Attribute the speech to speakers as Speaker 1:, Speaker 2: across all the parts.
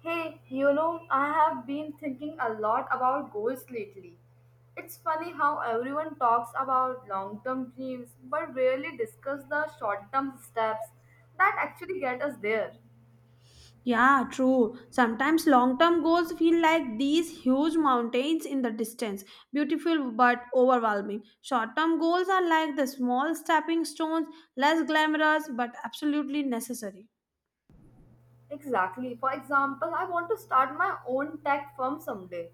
Speaker 1: Hey, I have been thinking a lot about goals lately. It's funny how everyone talks about long term dreams but rarely discuss the short term steps that actually get us there.
Speaker 2: Yeah, true. Sometimes long term goals feel like these huge mountains in the distance, beautiful but overwhelming. Short term goals are like the small stepping stones, less glamorous but absolutely necessary.
Speaker 1: Exactly. For example, I want to start my own tech firm someday.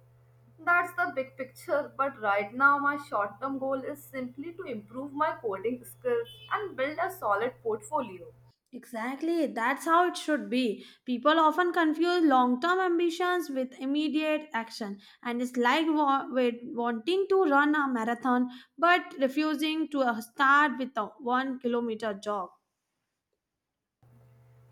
Speaker 1: That's the big picture, but right now my short term goal is simply to improve my coding skills and build a solid portfolio.
Speaker 2: Exactly, that's how it should be. People often confuse long term ambitions with immediate action, and it's like with wanting to run a marathon but refusing to start with a 1 kilometer jog.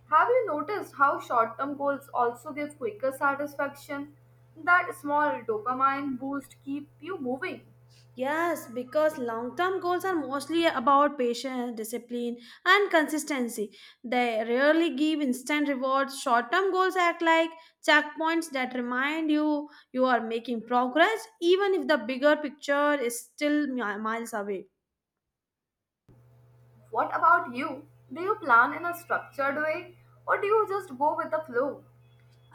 Speaker 1: Have you noticed how short term goals also give quicker satisfaction? That small dopamine boost keep you moving.
Speaker 2: Yes, because long term goals are mostly about patience, discipline, and consistency. They rarely give instant rewards. Short term goals act like checkpoints that remind you you are making progress, even if the bigger picture is still miles away.
Speaker 1: What about you? Do you plan in a structured way or do you just go with the flow?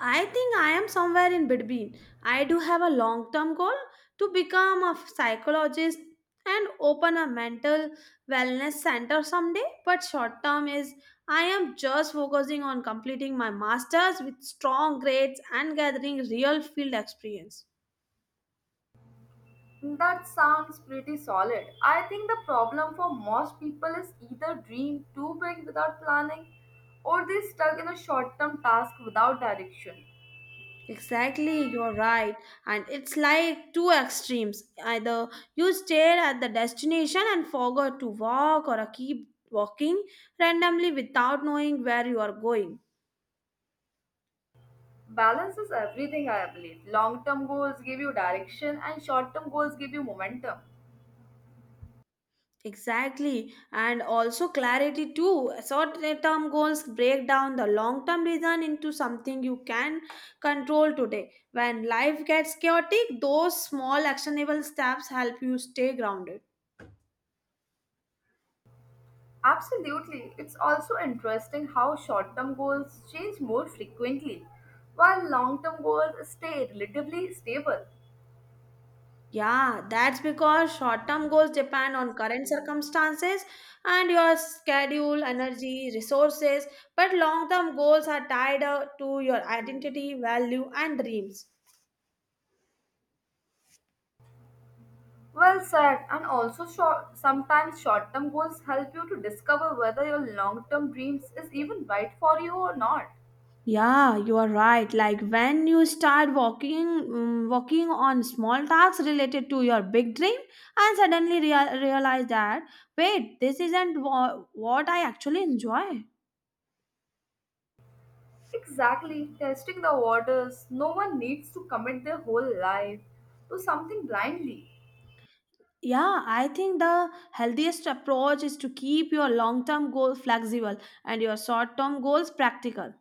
Speaker 2: I think I am somewhere in between. I do have a long term goal to become a psychologist and open a mental wellness center someday, but short term is I am just focusing on completing my masters with strong grades and gathering real field experience.
Speaker 1: That sounds pretty solid. I think the problem for most people is either dream too big without planning or they stuck in a short term task without direction.
Speaker 2: Exactly, you're right. And it's like two extremes. Either you stare at the destination and forget to walk or keep walking randomly without knowing where you are going.
Speaker 1: Balance is everything, I believe. Long term goals give you direction and short term goals give you momentum.
Speaker 2: Exactly, and also clarity too. Short term goals break down the long term vision into something you can control today. When life gets chaotic, those small actionable steps help you stay grounded.
Speaker 1: Absolutely. It's also interesting how short term goals change more frequently, while long term goals stay relatively stable.
Speaker 2: Yeah, that's because short term goals depend on current circumstances and your schedule, energy, resources, but long term goals are tied to your identity, value, and dreams.
Speaker 1: Well said, and also sometimes short term goals help you to discover whether your long term dreams is even right for you or not.
Speaker 2: Yeah, you are right. Like when you start walking, working on small tasks related to your big dream, and suddenly realize that wait, this isn't what I actually enjoy.
Speaker 1: Exactly, testing the waters. No one needs to commit their whole life to something blindly
Speaker 2: Yeah, I think the healthiest approach is to keep your long-term goals flexible and your short-term goals practical.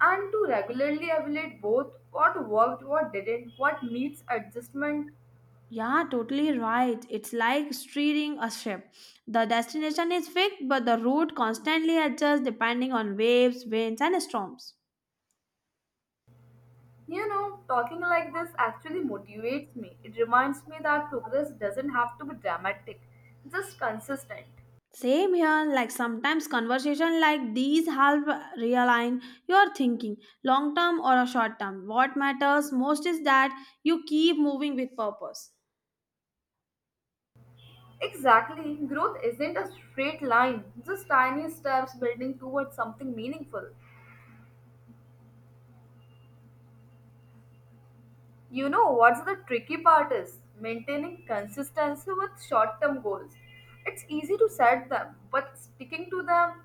Speaker 1: and to regularly evaluate both what worked, what didn't, what needs adjustment.
Speaker 2: Yeah, totally right. It's like steering a ship. The destination is fixed, but the route constantly adjusts depending on waves, winds, and storms.
Speaker 1: You know, talking like this actually motivates me. It reminds me that progress doesn't have to be dramatic, just consistent.
Speaker 2: Same here, like sometimes conversation like these help realign your thinking, long term or a short term. What matters most is that you keep moving with purpose.
Speaker 1: Exactly, growth isn't a straight line, just tiny steps building towards something meaningful. You know what's the tricky part is maintaining consistency with short term goals. It's easy to set them, but sticking to them,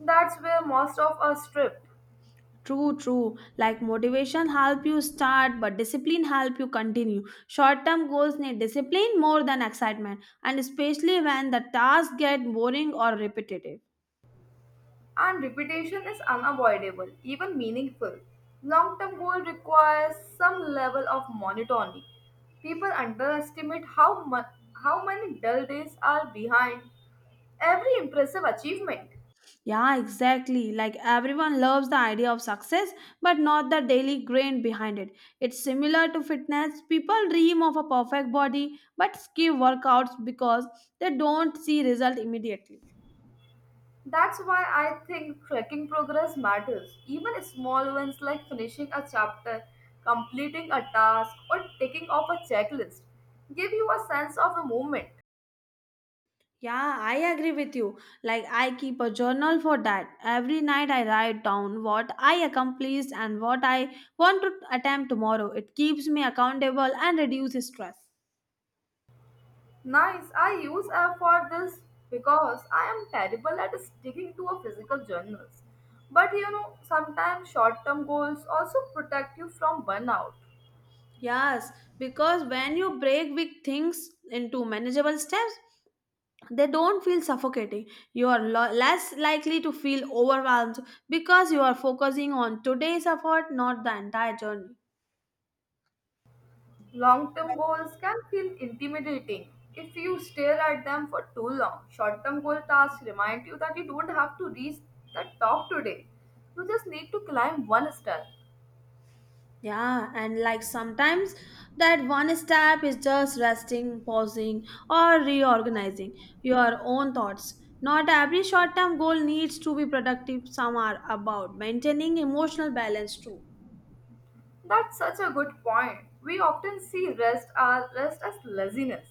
Speaker 1: that's where most of us drift.
Speaker 2: True, true. Like motivation help you start, but discipline help you continue. Short term goals need discipline more than excitement, and especially when the tasks get boring or repetitive.
Speaker 1: And repetition is unavoidable, even meaningful. Long term goal requires some level of monotony. People underestimate how, how many dull days are behind every impressive achievement.
Speaker 2: Yeah, exactly. Like everyone loves the idea of success, but not the daily grind behind it. It's similar to fitness. People dream of a perfect body, but skip workouts because they don't see result immediately.
Speaker 1: That's why I think tracking progress matters. Even small wins like finishing a chapter, completing a task, or ticking off a checklist give you a sense of a movement.
Speaker 2: Yeah, I agree with you. Like I keep a journal for that. Every night I write down what I accomplished and what I want to attempt tomorrow. It keeps me accountable and reduces stress.
Speaker 1: Nice. I use app for this because I am terrible at sticking to a physical journals. But sometimes short-term goals also protect you from burnout.
Speaker 2: Yes, because when you break big things into manageable steps, they don't feel suffocating you are less likely to feel overwhelmed because you are focusing on today's effort not the entire journey.
Speaker 1: Long-term goals can feel intimidating if you stare at them for too long. Short-term goal tasks remind you that you don't have to reach the top today. You just need to climb one step.
Speaker 2: Yeah, and like sometimes that one step is just resting pausing or reorganizing your own thoughts. Not every short term goal needs to be productive, some are about maintaining emotional balance too.
Speaker 1: That's such a good point. We often see rest as laziness,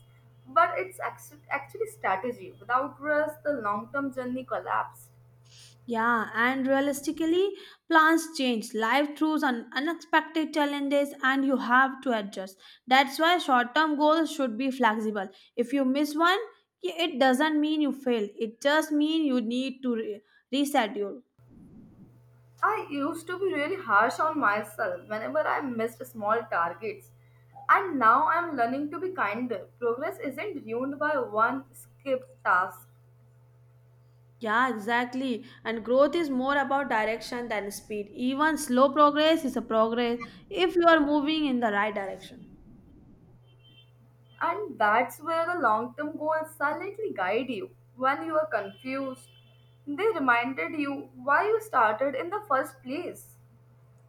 Speaker 1: but actually strategy. Without rest, the long-term journey collapsed.
Speaker 2: Yeah, and realistically, plans change. Life throws unexpected challenges, and you have to adjust. That's why short term goals should be flexible. If you miss one, it doesn't mean you fail, it just means you need to reschedule.
Speaker 1: I used to be really harsh on myself whenever I missed small targets, and now I'm learning to be kinder. Progress isn't ruined by one skipped task,
Speaker 2: Yeah, exactly. And growth is more about direction than speed. Even slow progress is a progress if you are moving in the right direction.
Speaker 1: and that's where the long-term goals silently guide you. When you are confused, they reminded you why you started in the first place.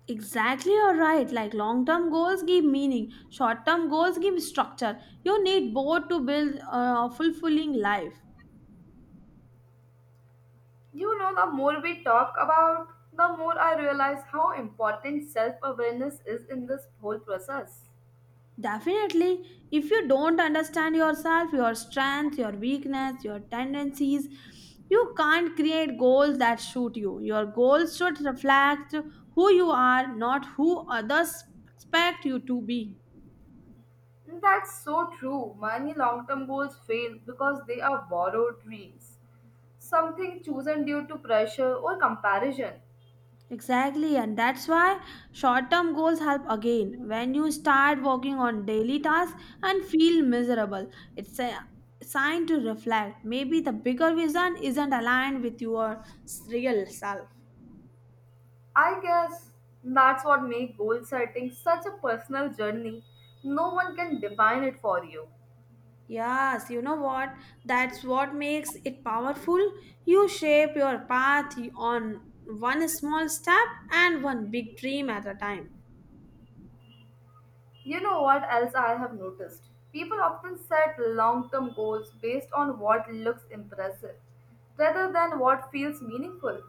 Speaker 2: Exactly, you're right. Like long term goals give meaning, short term goals give structure. You need both to build a fulfilling life.
Speaker 1: You know, the more we talk about, the more I realize how important self awareness is in this whole process.
Speaker 2: Definitely, if you don't understand yourself, your strength, your weakness, your tendencies, you can't create goals that suit you. Your goals should reflect who you are, not who others expect you to be.
Speaker 1: That's so true. Many long term goals fail because they are borrowed dreams, something chosen due to pressure or comparison.
Speaker 2: Exactly, and that's why short term goals help again. When you start working on daily tasks and feel miserable, it's a sign to reflect. Maybe the bigger vision isn't aligned with your real self.
Speaker 1: I guess that's what makes goal setting such a personal journey. No one can define it for you.
Speaker 2: Yes, you know what? That's what makes it powerful. You shape your path on one small step and one big dream at a time.
Speaker 1: You know what else I have noticed? People often set long term goals based on what looks impressive rather than what feels meaningful.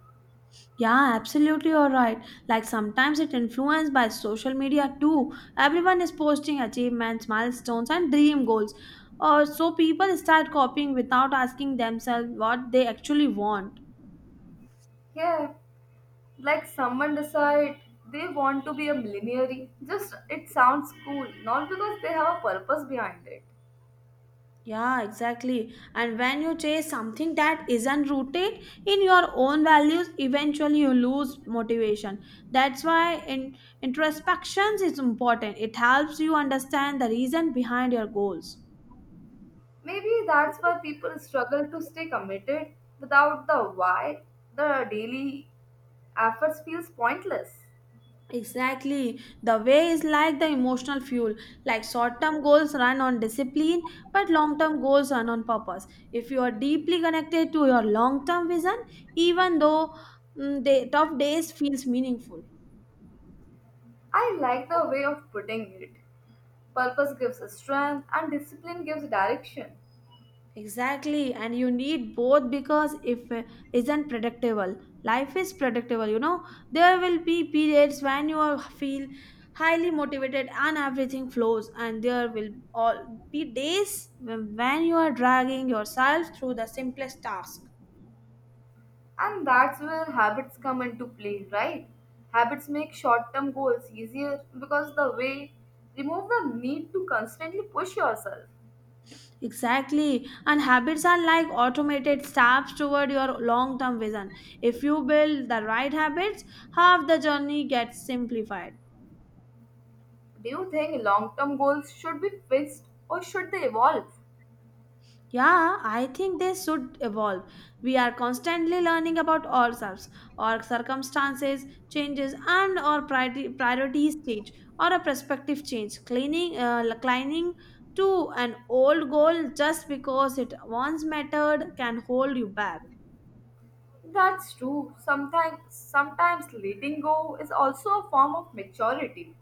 Speaker 2: Yeah, absolutely, you're right. Like sometimes it influenced by social media too. Everyone is posting achievements, milestones, and dream goals. So people start copying without asking themselves what they actually want.
Speaker 1: Yeah, like someone decide they want to be a millionaire. Just it sounds cool, not because they have a purpose behind it.
Speaker 2: Yeah, exactly. And when you chase something that isn't rooted in your own values, eventually you lose motivation. That's why in introspections is important. It helps you understand the reason behind your goals.
Speaker 1: Maybe that's why people struggle to stay committed without the why. The daily efforts feels pointless.
Speaker 2: Exactly. The way is like the emotional fuel. Like short term goals run on discipline, but long term goals run on purpose. If you are deeply connected to your long term vision, even though tough days feels meaningful.
Speaker 1: I like the way of putting it. Purpose gives strength and discipline gives direction.
Speaker 2: Exactly, and you need both because if isn't predictable, life is predictable. You know there will be periods when you are feel highly motivated and everything flows, and there will all be days when you are dragging yourself through the simplest task.
Speaker 1: And that's where habits come into play, right? Habits make short term goals easier because the way remove the need to constantly push yourself.
Speaker 2: Exactly, and habits are like automated steps toward your long-term vision. If you build the right habits, half the journey gets simplified.
Speaker 1: Do you think long term goals should be fixed or should they evolve?
Speaker 2: Yeah, I think they should evolve. We are constantly learning about ourselves, our circumstances, changes, and our priorities change or a perspective change. Clinging to an old goal just because it once mattered can hold you back.
Speaker 1: That's true. Sometimes letting go is also a form of maturity.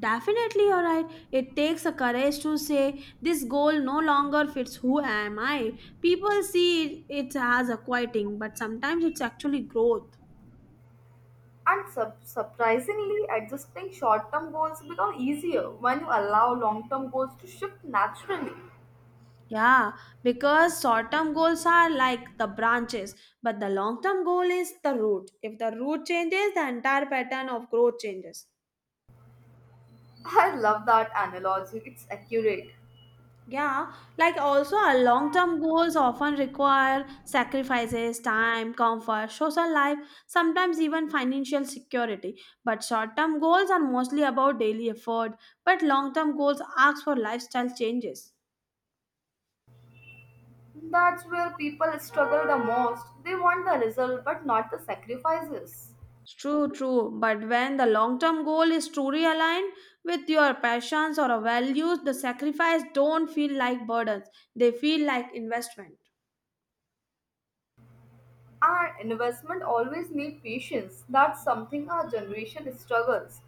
Speaker 2: Definitely, you're right. It takes a courage to say this goal no longer fits who am I. People see it, as a quieting, but sometimes it's actually growth.
Speaker 1: And surprisingly, adjusting short term goals become easier when you allow long term goals to shift naturally.
Speaker 2: Yeah, because short term goals are like the branches, but the long term goal is the root. If the root changes, the entire pattern of growth changes.
Speaker 1: I love that analogy, it's accurate.
Speaker 2: Yeah, like also our long term goals often require sacrifices, time, comfort, social life, sometimes even financial security. But short term goals are mostly about daily effort, but long term goals ask for lifestyle changes.
Speaker 1: That's where people struggle the most. They want the result but not the sacrifices.
Speaker 2: True, true. But when the long term goal is truly aligned with your passions or values, the sacrifice don't feel like burdens. They feel like investment.
Speaker 1: And investment always need patience. That's something our generation struggles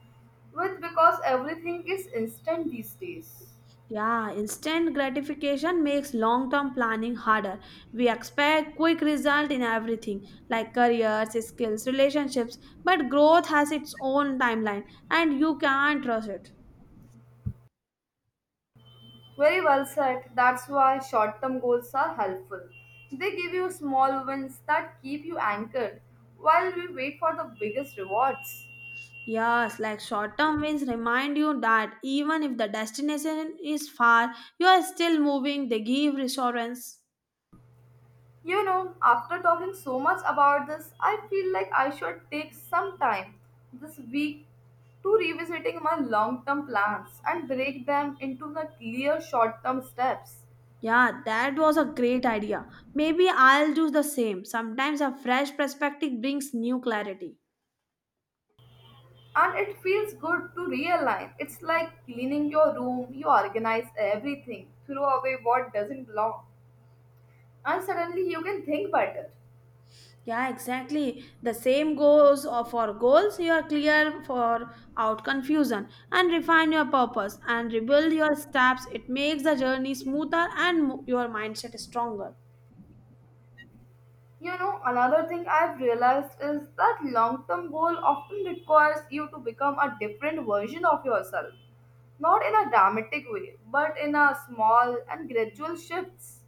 Speaker 1: with because everything is instant these days.
Speaker 2: Yeah, instant gratification makes long term planning harder. We expect quick result in everything like careers, skills, relationships, but growth has its own timeline and you can't rush it.
Speaker 1: Very well said. That's why short term goals are helpful. They give you small wins that keep you anchored while we wait for the biggest rewards.
Speaker 2: Yes, like short term wins remind you that even if the destination is far, you are still moving. They give reassurance.
Speaker 1: You know, after talking so much about this, I feel like I should take some time this week to revisiting my long term plans and break them into the clear short term steps.
Speaker 2: Yeah, that was a great idea. Maybe I'll do the same. Sometimes a fresh perspective brings new clarity.
Speaker 1: And it feels good to realign. It's like cleaning your room, you organize everything, throw away what doesn't belong and suddenly you can think better.
Speaker 2: Yeah, exactly. The same goes for goals. You are clear for out confusion and refine your purpose and rebuild your steps. It makes the journey smoother and your mindset stronger.
Speaker 1: You know, another thing I've realized is that long term goal often requires you to become a different version of yourself. Not in a dramatic way, but in a small and gradual shifts.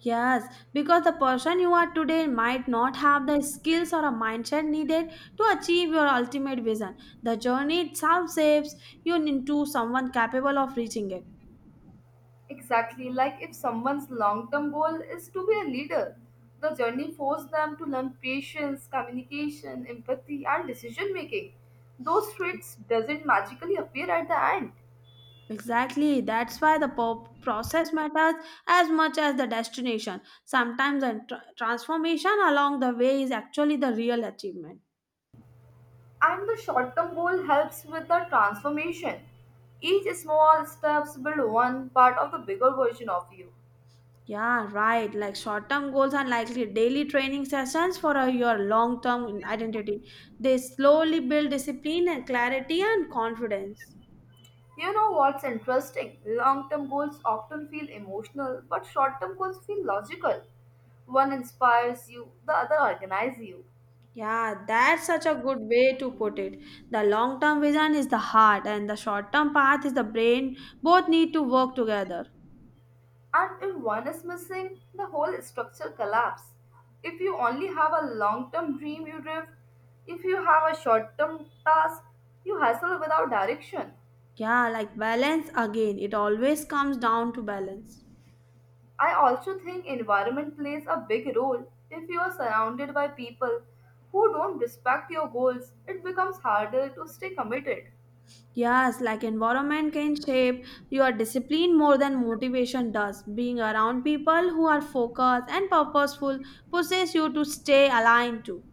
Speaker 2: Yes, because the person you are today might not have the skills or a mindset needed to achieve your ultimate vision. The journey itself shapes you into someone capable of reaching it.
Speaker 1: Exactly, like if someone's long term goal is to be a leader, the journey forces them to learn patience, communication, empathy, and decision making. Those traits doesn't magically appear at the end.
Speaker 2: Exactly, that's why the process matters as much as the destination. Sometimes the transformation along the way is actually the real achievement.
Speaker 1: And the short-term goal helps with the transformation. Each small steps build one part of the bigger version of you.
Speaker 2: Yeah, right. Like short term goals are likely daily training sessions for your long term identity. They slowly build discipline and clarity and confidence.
Speaker 1: You know what's interesting? Long-term goals often feel emotional, but short-term goals feel logical. One inspires you, the other organizes you.
Speaker 2: Yeah, that's such a good way to put it. The long term vision is the heart, and the short term path is the brain. Both need to work together.
Speaker 1: And if one is missing, the whole structure collapses. If you only have a long term dream, you drift. If you have a short term task, you hustle without direction.
Speaker 2: Yeah, like balance again. It always comes down to balance.
Speaker 1: I also think environment plays a big role. If you are surrounded by people who don't respect your goals, it becomes harder to stay committed.
Speaker 2: Yes, like environment can shape your discipline more than motivation does. Being around people who are focused and purposeful pushes you to stay aligned too.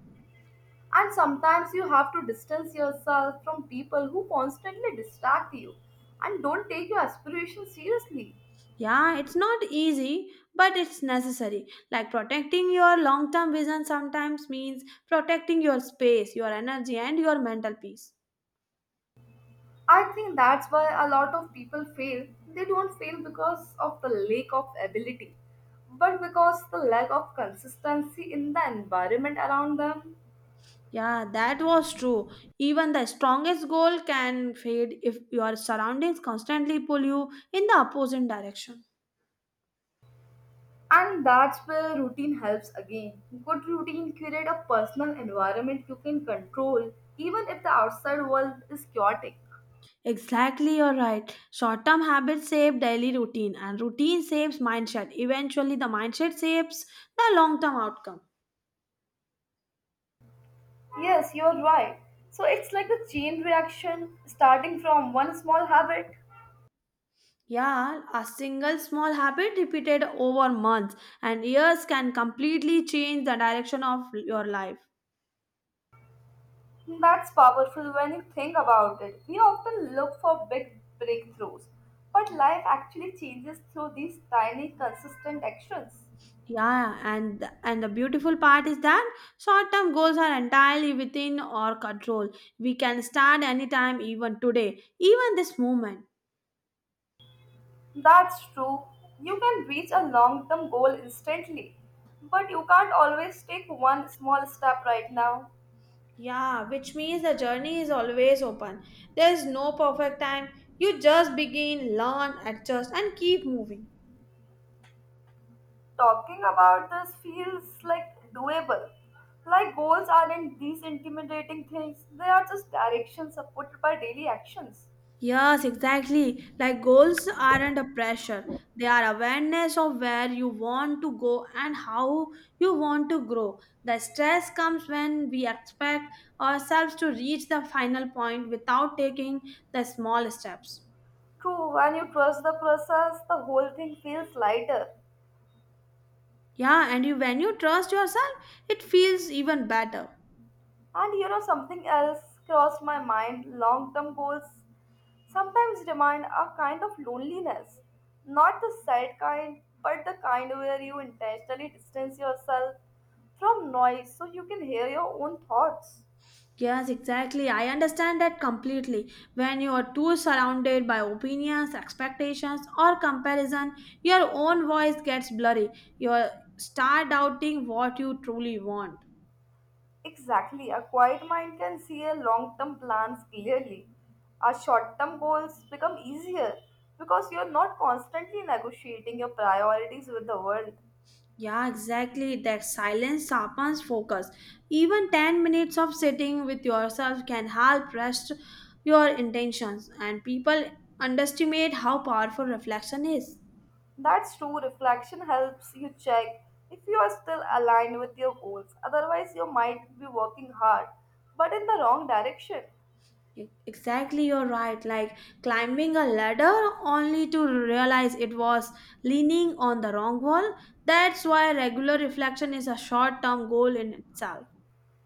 Speaker 1: And sometimes you have to distance yourself from people who constantly distract you and don't take your aspirations seriously.
Speaker 2: Yeah, it's not easy, but it's necessary. Like protecting your long term vision sometimes means protecting your space, your energy, and your mental peace.
Speaker 1: I think that's why a lot of people fail. They don't fail because of the lack of ability, but because the lack of consistency in the environment around them.
Speaker 2: Yeah, that was true. Even the strongest goal can fade if your surroundings constantly pull you in the opposite direction.
Speaker 1: And that's where routine helps again. Good routine create a personal environment you can control, even if the outside world is chaotic.
Speaker 2: Exactly, you're right. Short term habits shape daily routine, and routine shapes mindset. Eventually, the mindset shapes the long term outcome.
Speaker 1: Yes, you're right. So it's like a chain reaction starting from one small habit.
Speaker 2: Yeah, a single small habit repeated over months and years can completely change the direction of your life.
Speaker 1: That's powerful when you think about it. We often look for big breakthroughs, but life actually changes through these tiny, consistent actions.
Speaker 2: Yeah, and and the beautiful part is that short-term goals are entirely within our control. We can start anytime, even today, even this moment.
Speaker 1: That's true. You can reach a long term goal instantly, but you can't always take one small step right now.
Speaker 2: Yeah, which means the journey is always open. There's no perfect time. You just begin, learn, adjust, and keep moving.
Speaker 1: Talking about this feels like doable. Like goals aren't these intimidating things, they are just directions supported by daily actions.
Speaker 2: Yes, exactly. Like goals aren't a pressure, they are awareness of where you want to go and how you want to grow. The stress comes when we expect ourselves to reach the final point without taking the small steps.
Speaker 1: True, when you trust the process, the whole thing feels lighter.
Speaker 2: Yeah, and you, when you trust yourself, it feels even better.
Speaker 1: And you know, something else crossed my mind long term goals sometimes demand a kind of loneliness, not the sad kind, but the kind where you intentionally distance yourself from noise so you can hear your own thoughts.
Speaker 2: Yes, exactly. I understand that completely. When you are too surrounded by opinions, expectations, or comparison, your own voice gets blurry. You start doubting what you truly want.
Speaker 1: Exactly, a quiet mind can see a long term plans clearly. Our short term goals become easier because you're not constantly negotiating your priorities with the world.
Speaker 2: Yeah, exactly. That silence sharpens focus. Even 10 minutes of sitting with yourself can help rest your intentions, and people underestimate how powerful reflection is.
Speaker 1: That's true. Reflection helps you check if you are still aligned with your goals. Otherwise, you might be working hard, but in the wrong direction.
Speaker 2: Exactly, you're right. Like climbing a ladder only to realize it was leaning on the wrong wall. That's why regular reflection is a short term goal in itself.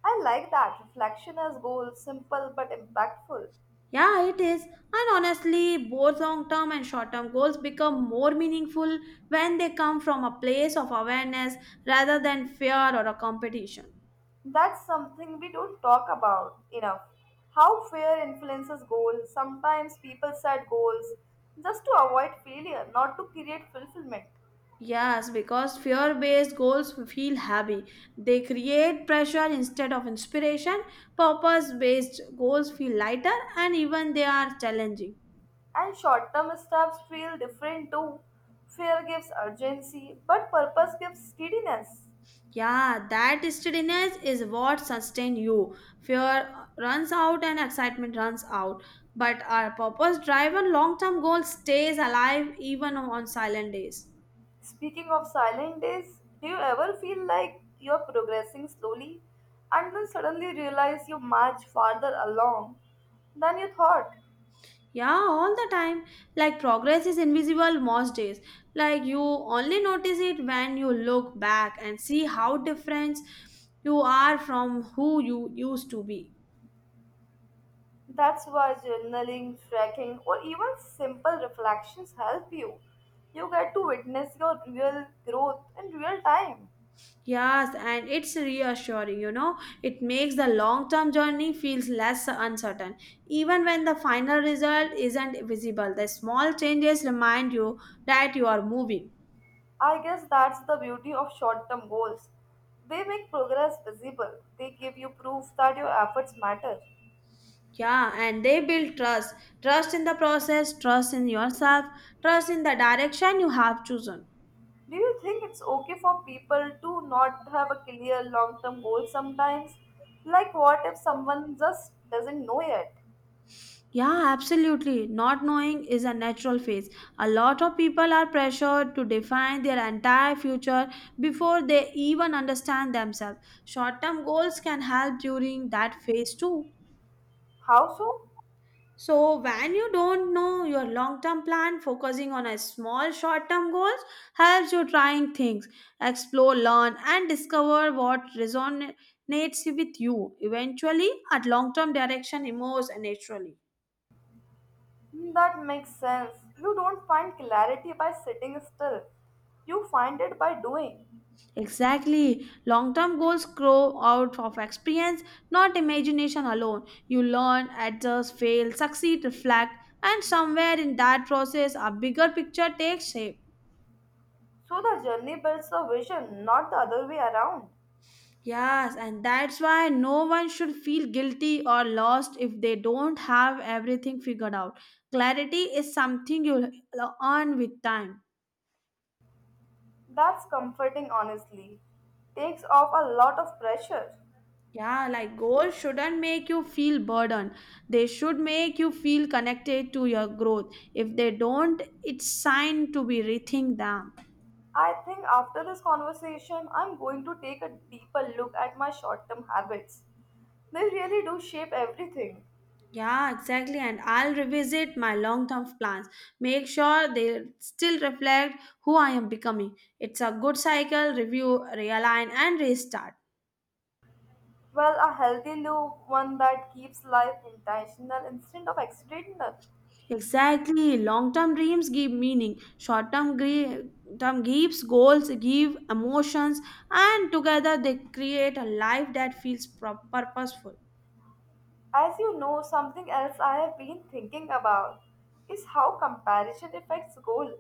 Speaker 1: I like that. Reflection as goal, simple but impactful.
Speaker 2: Yeah, it is. And honestly, both long term and short term goals become more meaningful when they come from a place of awareness rather than fear or a competition.
Speaker 1: That's something we don't talk about enough. How fear influences goals. Sometimes people set goals just to avoid failure, not to create fulfillment.
Speaker 2: Yes, because fear based goals feel heavy. They create pressure instead of inspiration. Purpose based goals feel lighter and even they are challenging.
Speaker 1: And short term steps feel different too. Fear gives urgency, but purpose gives steadiness.
Speaker 2: Yeah, that steadiness is what sustains you. Fear runs out and excitement runs out. But our purpose driven long term goal stays alive even on silent days.
Speaker 1: Speaking of silent days, do you ever feel like you're progressing slowly and then suddenly realize you march farther along than you thought?
Speaker 2: Yeah, all the time. Like progress is invisible most days. Like you only notice it when you look back and see how different you are from who you used to be.
Speaker 1: That's why journaling, tracking, or even simple reflections help you. You get to witness your real growth in real time.
Speaker 2: Yes, and it's reassuring, It makes the long-term journey feels less uncertain. Even when the final result isn't visible, the small changes remind you that you are moving.
Speaker 1: I guess that's the beauty of short term goals. They make progress visible, they give you proof that your efforts matter.
Speaker 2: Yeah, and they build trust. Trust in the process, trust in yourself, trust in the direction you have chosen.
Speaker 1: Do you think it's okay for people to not have a clear long term goal sometimes? Like, what if someone just doesn't know yet?
Speaker 2: Yeah, absolutely. Not knowing is a natural phase. A lot of people are pressured to define their entire future before they even understand themselves. Short term goals can help during that phase too.
Speaker 1: How so?
Speaker 2: So, when you don't know your long term plan, focusing on a small short term goals helps you trying things, explore, learn, and discover what resonates with you. Eventually, a long term direction emerges naturally.
Speaker 1: That makes sense. You don't find clarity by sitting still, you find it by doing.
Speaker 2: Exactly. Long term goals grow out of experience, not imagination alone. You learn, adjust, fail, succeed, reflect, and somewhere in that process, a bigger picture takes shape.
Speaker 1: So, the journey builds a vision, not the other way around.
Speaker 2: Yes, and that's why no one should feel guilty or lost if they don't have everything figured out. Clarity is something you'll earn with time.
Speaker 1: That's comforting, honestly. Takes off a lot of pressure.
Speaker 2: Yeah, like goals shouldn't make you feel burdened. They should make you feel connected to your growth. If they don't, it's sign to be rethink them.
Speaker 1: I think after this conversation, I'm going to take a deeper look at my short term habits. They really do shape everything.
Speaker 2: Yeah, exactly. And I'll revisit my long term plans, make sure they still reflect who I am becoming. It's a good cycle, review, realign, and restart.
Speaker 1: Well, a healthy new one that keeps life intentional instead of accidental.
Speaker 2: Exactly. Long term dreams give meaning, short term term gives goals, give emotions, and together they create a life that feels purposeful.
Speaker 1: As you know, something else I have been thinking about is how comparison affects goal.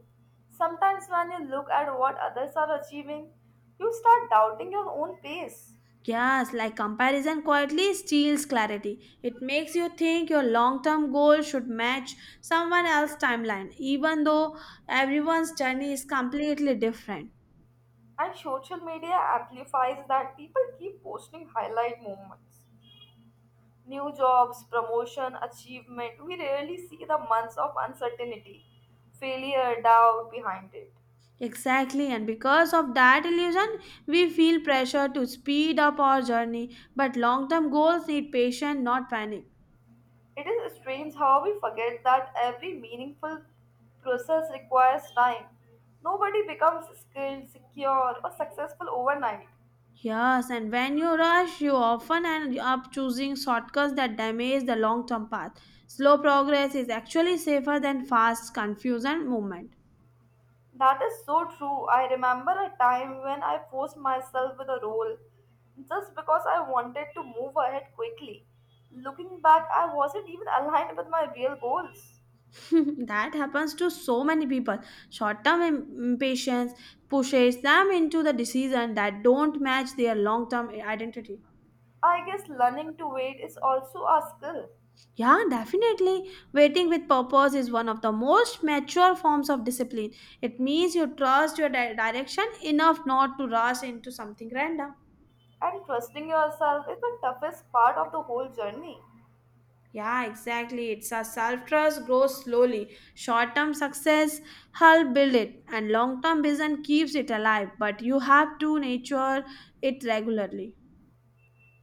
Speaker 1: Sometimes when you look at what others are achieving, you start doubting your own pace.
Speaker 2: Yes, like comparison quietly steals clarity. It makes you think your long term goal should match someone else's timeline, even though everyone's journey is completely different.
Speaker 1: And social media amplifies that people keep posting highlight moments. New jobs, promotion, achievement, we rarely see the months of uncertainty, failure, doubt behind it.
Speaker 2: Exactly, and because of that illusion, we feel pressure to speed up our journey. But long term goals need patience, not panic.
Speaker 1: It is strange how we forget that every meaningful process requires time. Nobody becomes skilled, secure, or successful overnight.
Speaker 2: Yes, and when you rush, you often end up choosing shortcuts that damage the long term path. Slow progress is actually safer than fast, confused, and movement.
Speaker 1: That is so true. I remember a time when I forced myself with a role just because I wanted to move ahead quickly. Looking back, I wasn't even aligned with my real goals.
Speaker 2: That happens to so many people. Short term impatience pushes them into the decisions that don't match their long term identity.
Speaker 1: I guess learning to wait is also a skill,
Speaker 2: Yeah, definitely. Waiting with purpose is one of the most mature forms of discipline. It means you trust your direction enough not to rush into something random.
Speaker 1: and trusting yourself is the toughest part of the whole journey.
Speaker 2: Yeah, exactly. It's a self trust grows slowly. Short term success help build it, and long term vision keeps it alive. But you have to nurture it regularly.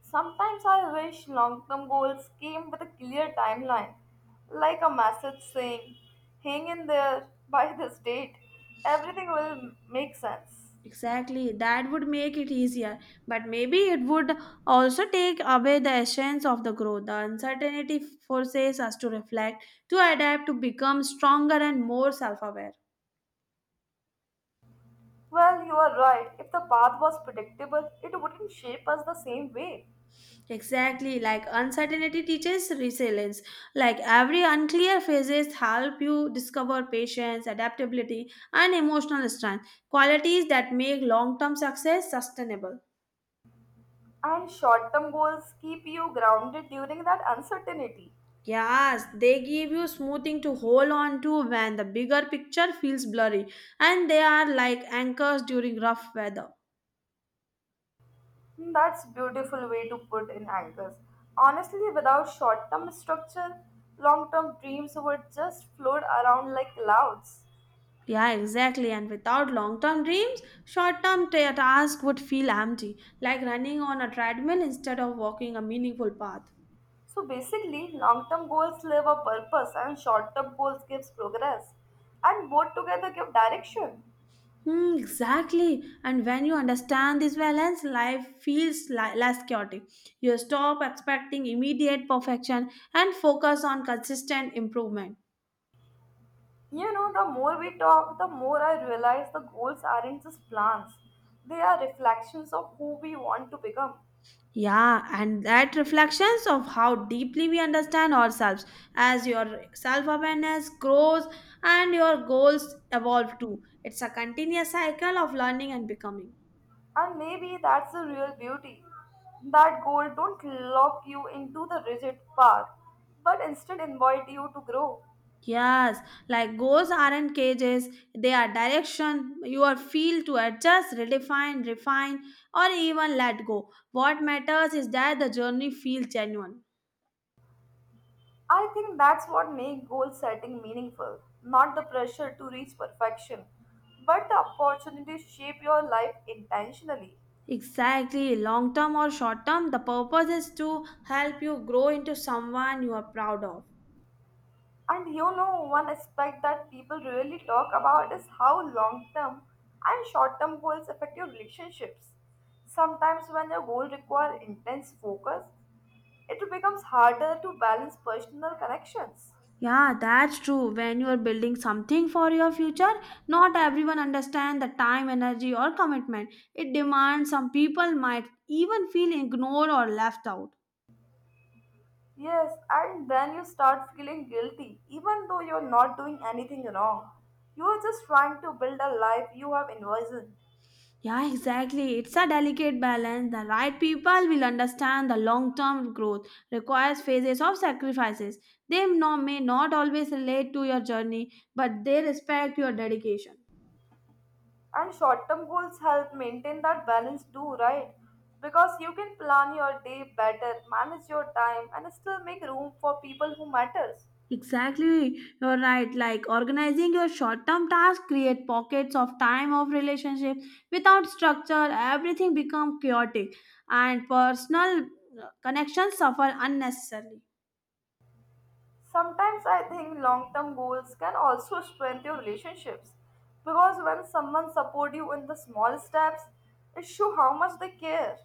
Speaker 1: Sometimes I wish long term goals came with a clear timeline, like a message saying, hang in there by this date, everything will make sense.
Speaker 2: Exactly, that would make it easier, but maybe it would also take away the essence of the growth. The uncertainty forces us to reflect, to adapt, to become stronger and more self aware.
Speaker 1: Well, you are right, if the path was predictable, it wouldn't shape us the same way.
Speaker 2: Exactly, like uncertainty teaches resilience. Like every unclear phases help you discover patience, adaptability, and emotional strength, qualities that make long term success sustainable.
Speaker 1: And short term goals keep you grounded during that uncertainty.
Speaker 2: Yes, they give you smoothing to hold on to when the bigger picture feels blurry, and they are like anchors during rough weather.
Speaker 1: That's beautiful way to put in anchors. Honestly, without short-term structure, long-term dreams would just float around like clouds.
Speaker 2: Yeah, exactly. And without long term dreams, short term tasks would feel empty, like running on a treadmill instead of walking a meaningful path.
Speaker 1: So basically, long-term goals live a purpose and short-term goals gives progress and both together give direction.
Speaker 2: Hmm, exactly. And when you understand this balance, life feels less chaotic. You stop expecting immediate perfection and focus on consistent improvement.
Speaker 1: You know, the more we talk, the more I realize the goals aren't just plans. They are reflections of who we want to become.
Speaker 2: Yeah, and that reflections of how deeply we understand ourselves as your self awareness grows and your goals evolve too. It's a continuous cycle of learning and becoming.
Speaker 1: And maybe that's the real beauty. That goal don't lock you into the rigid path, but instead invite you to grow.
Speaker 2: Yes, like goals aren't cages, they are direction. You are feel to adjust, redefine, refine, or even let go. What matters is that the journey feels genuine.
Speaker 1: I think that's what makes goal setting meaningful, not the pressure to reach perfection, but the opportunity to shape your life intentionally.
Speaker 2: Exactly, long term or short term, the purpose is to help you grow into someone you are proud of.
Speaker 1: And you know, one aspect that people really talk about is how long term and short term goals affect your relationships. Sometimes, when your goal requires intense focus, it becomes harder to balance personal connections.
Speaker 2: Yeah, that's true. When you are building something for your future, not everyone understand the time, energy or commitment. It demands some people might even feel ignored or left out.
Speaker 1: Yes, and then you start feeling guilty, even though you're not doing anything wrong. You are just trying to build a life you have envisioned.
Speaker 2: Yeah, exactly. It's a delicate balance. The right people will understand the long-term growth requires phases of sacrifices. They may not always relate to your journey, but they respect your dedication.
Speaker 1: And short term goals help maintain that balance too, right? Because you can plan your day better, manage your time, and still make room for people who matters.
Speaker 2: Exactly, you're right. Like organizing your short-term tasks create pockets of time of relationship. Without structure, everything become chaotic, and personal connections suffer unnecessarily.
Speaker 1: Sometimes I think long term goals can also strengthen your relationships. Because when someone support you in the small steps, it shows how much they care.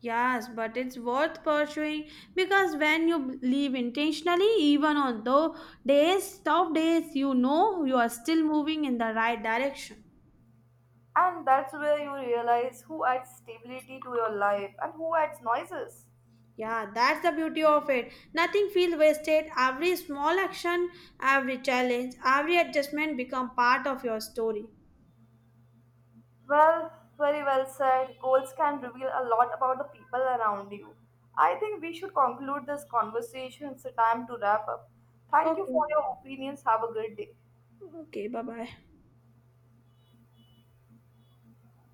Speaker 2: Yes, but it's worth pursuing because when you leave intentionally, even on tough days, you know you are still moving in the right direction.
Speaker 1: And that's where you realize who adds stability to your life and who adds noises.
Speaker 2: Yeah, that's the beauty of it. Nothing feels wasted. Every small action, every challenge, every adjustment become part of your story.
Speaker 1: Well, very well said. Goals can reveal a lot about the people around you. I think we should conclude this conversation. It's a time to wrap up. Thank you
Speaker 2: Okay.
Speaker 1: for your opinions. Have a good day.
Speaker 2: Okay, bye-bye.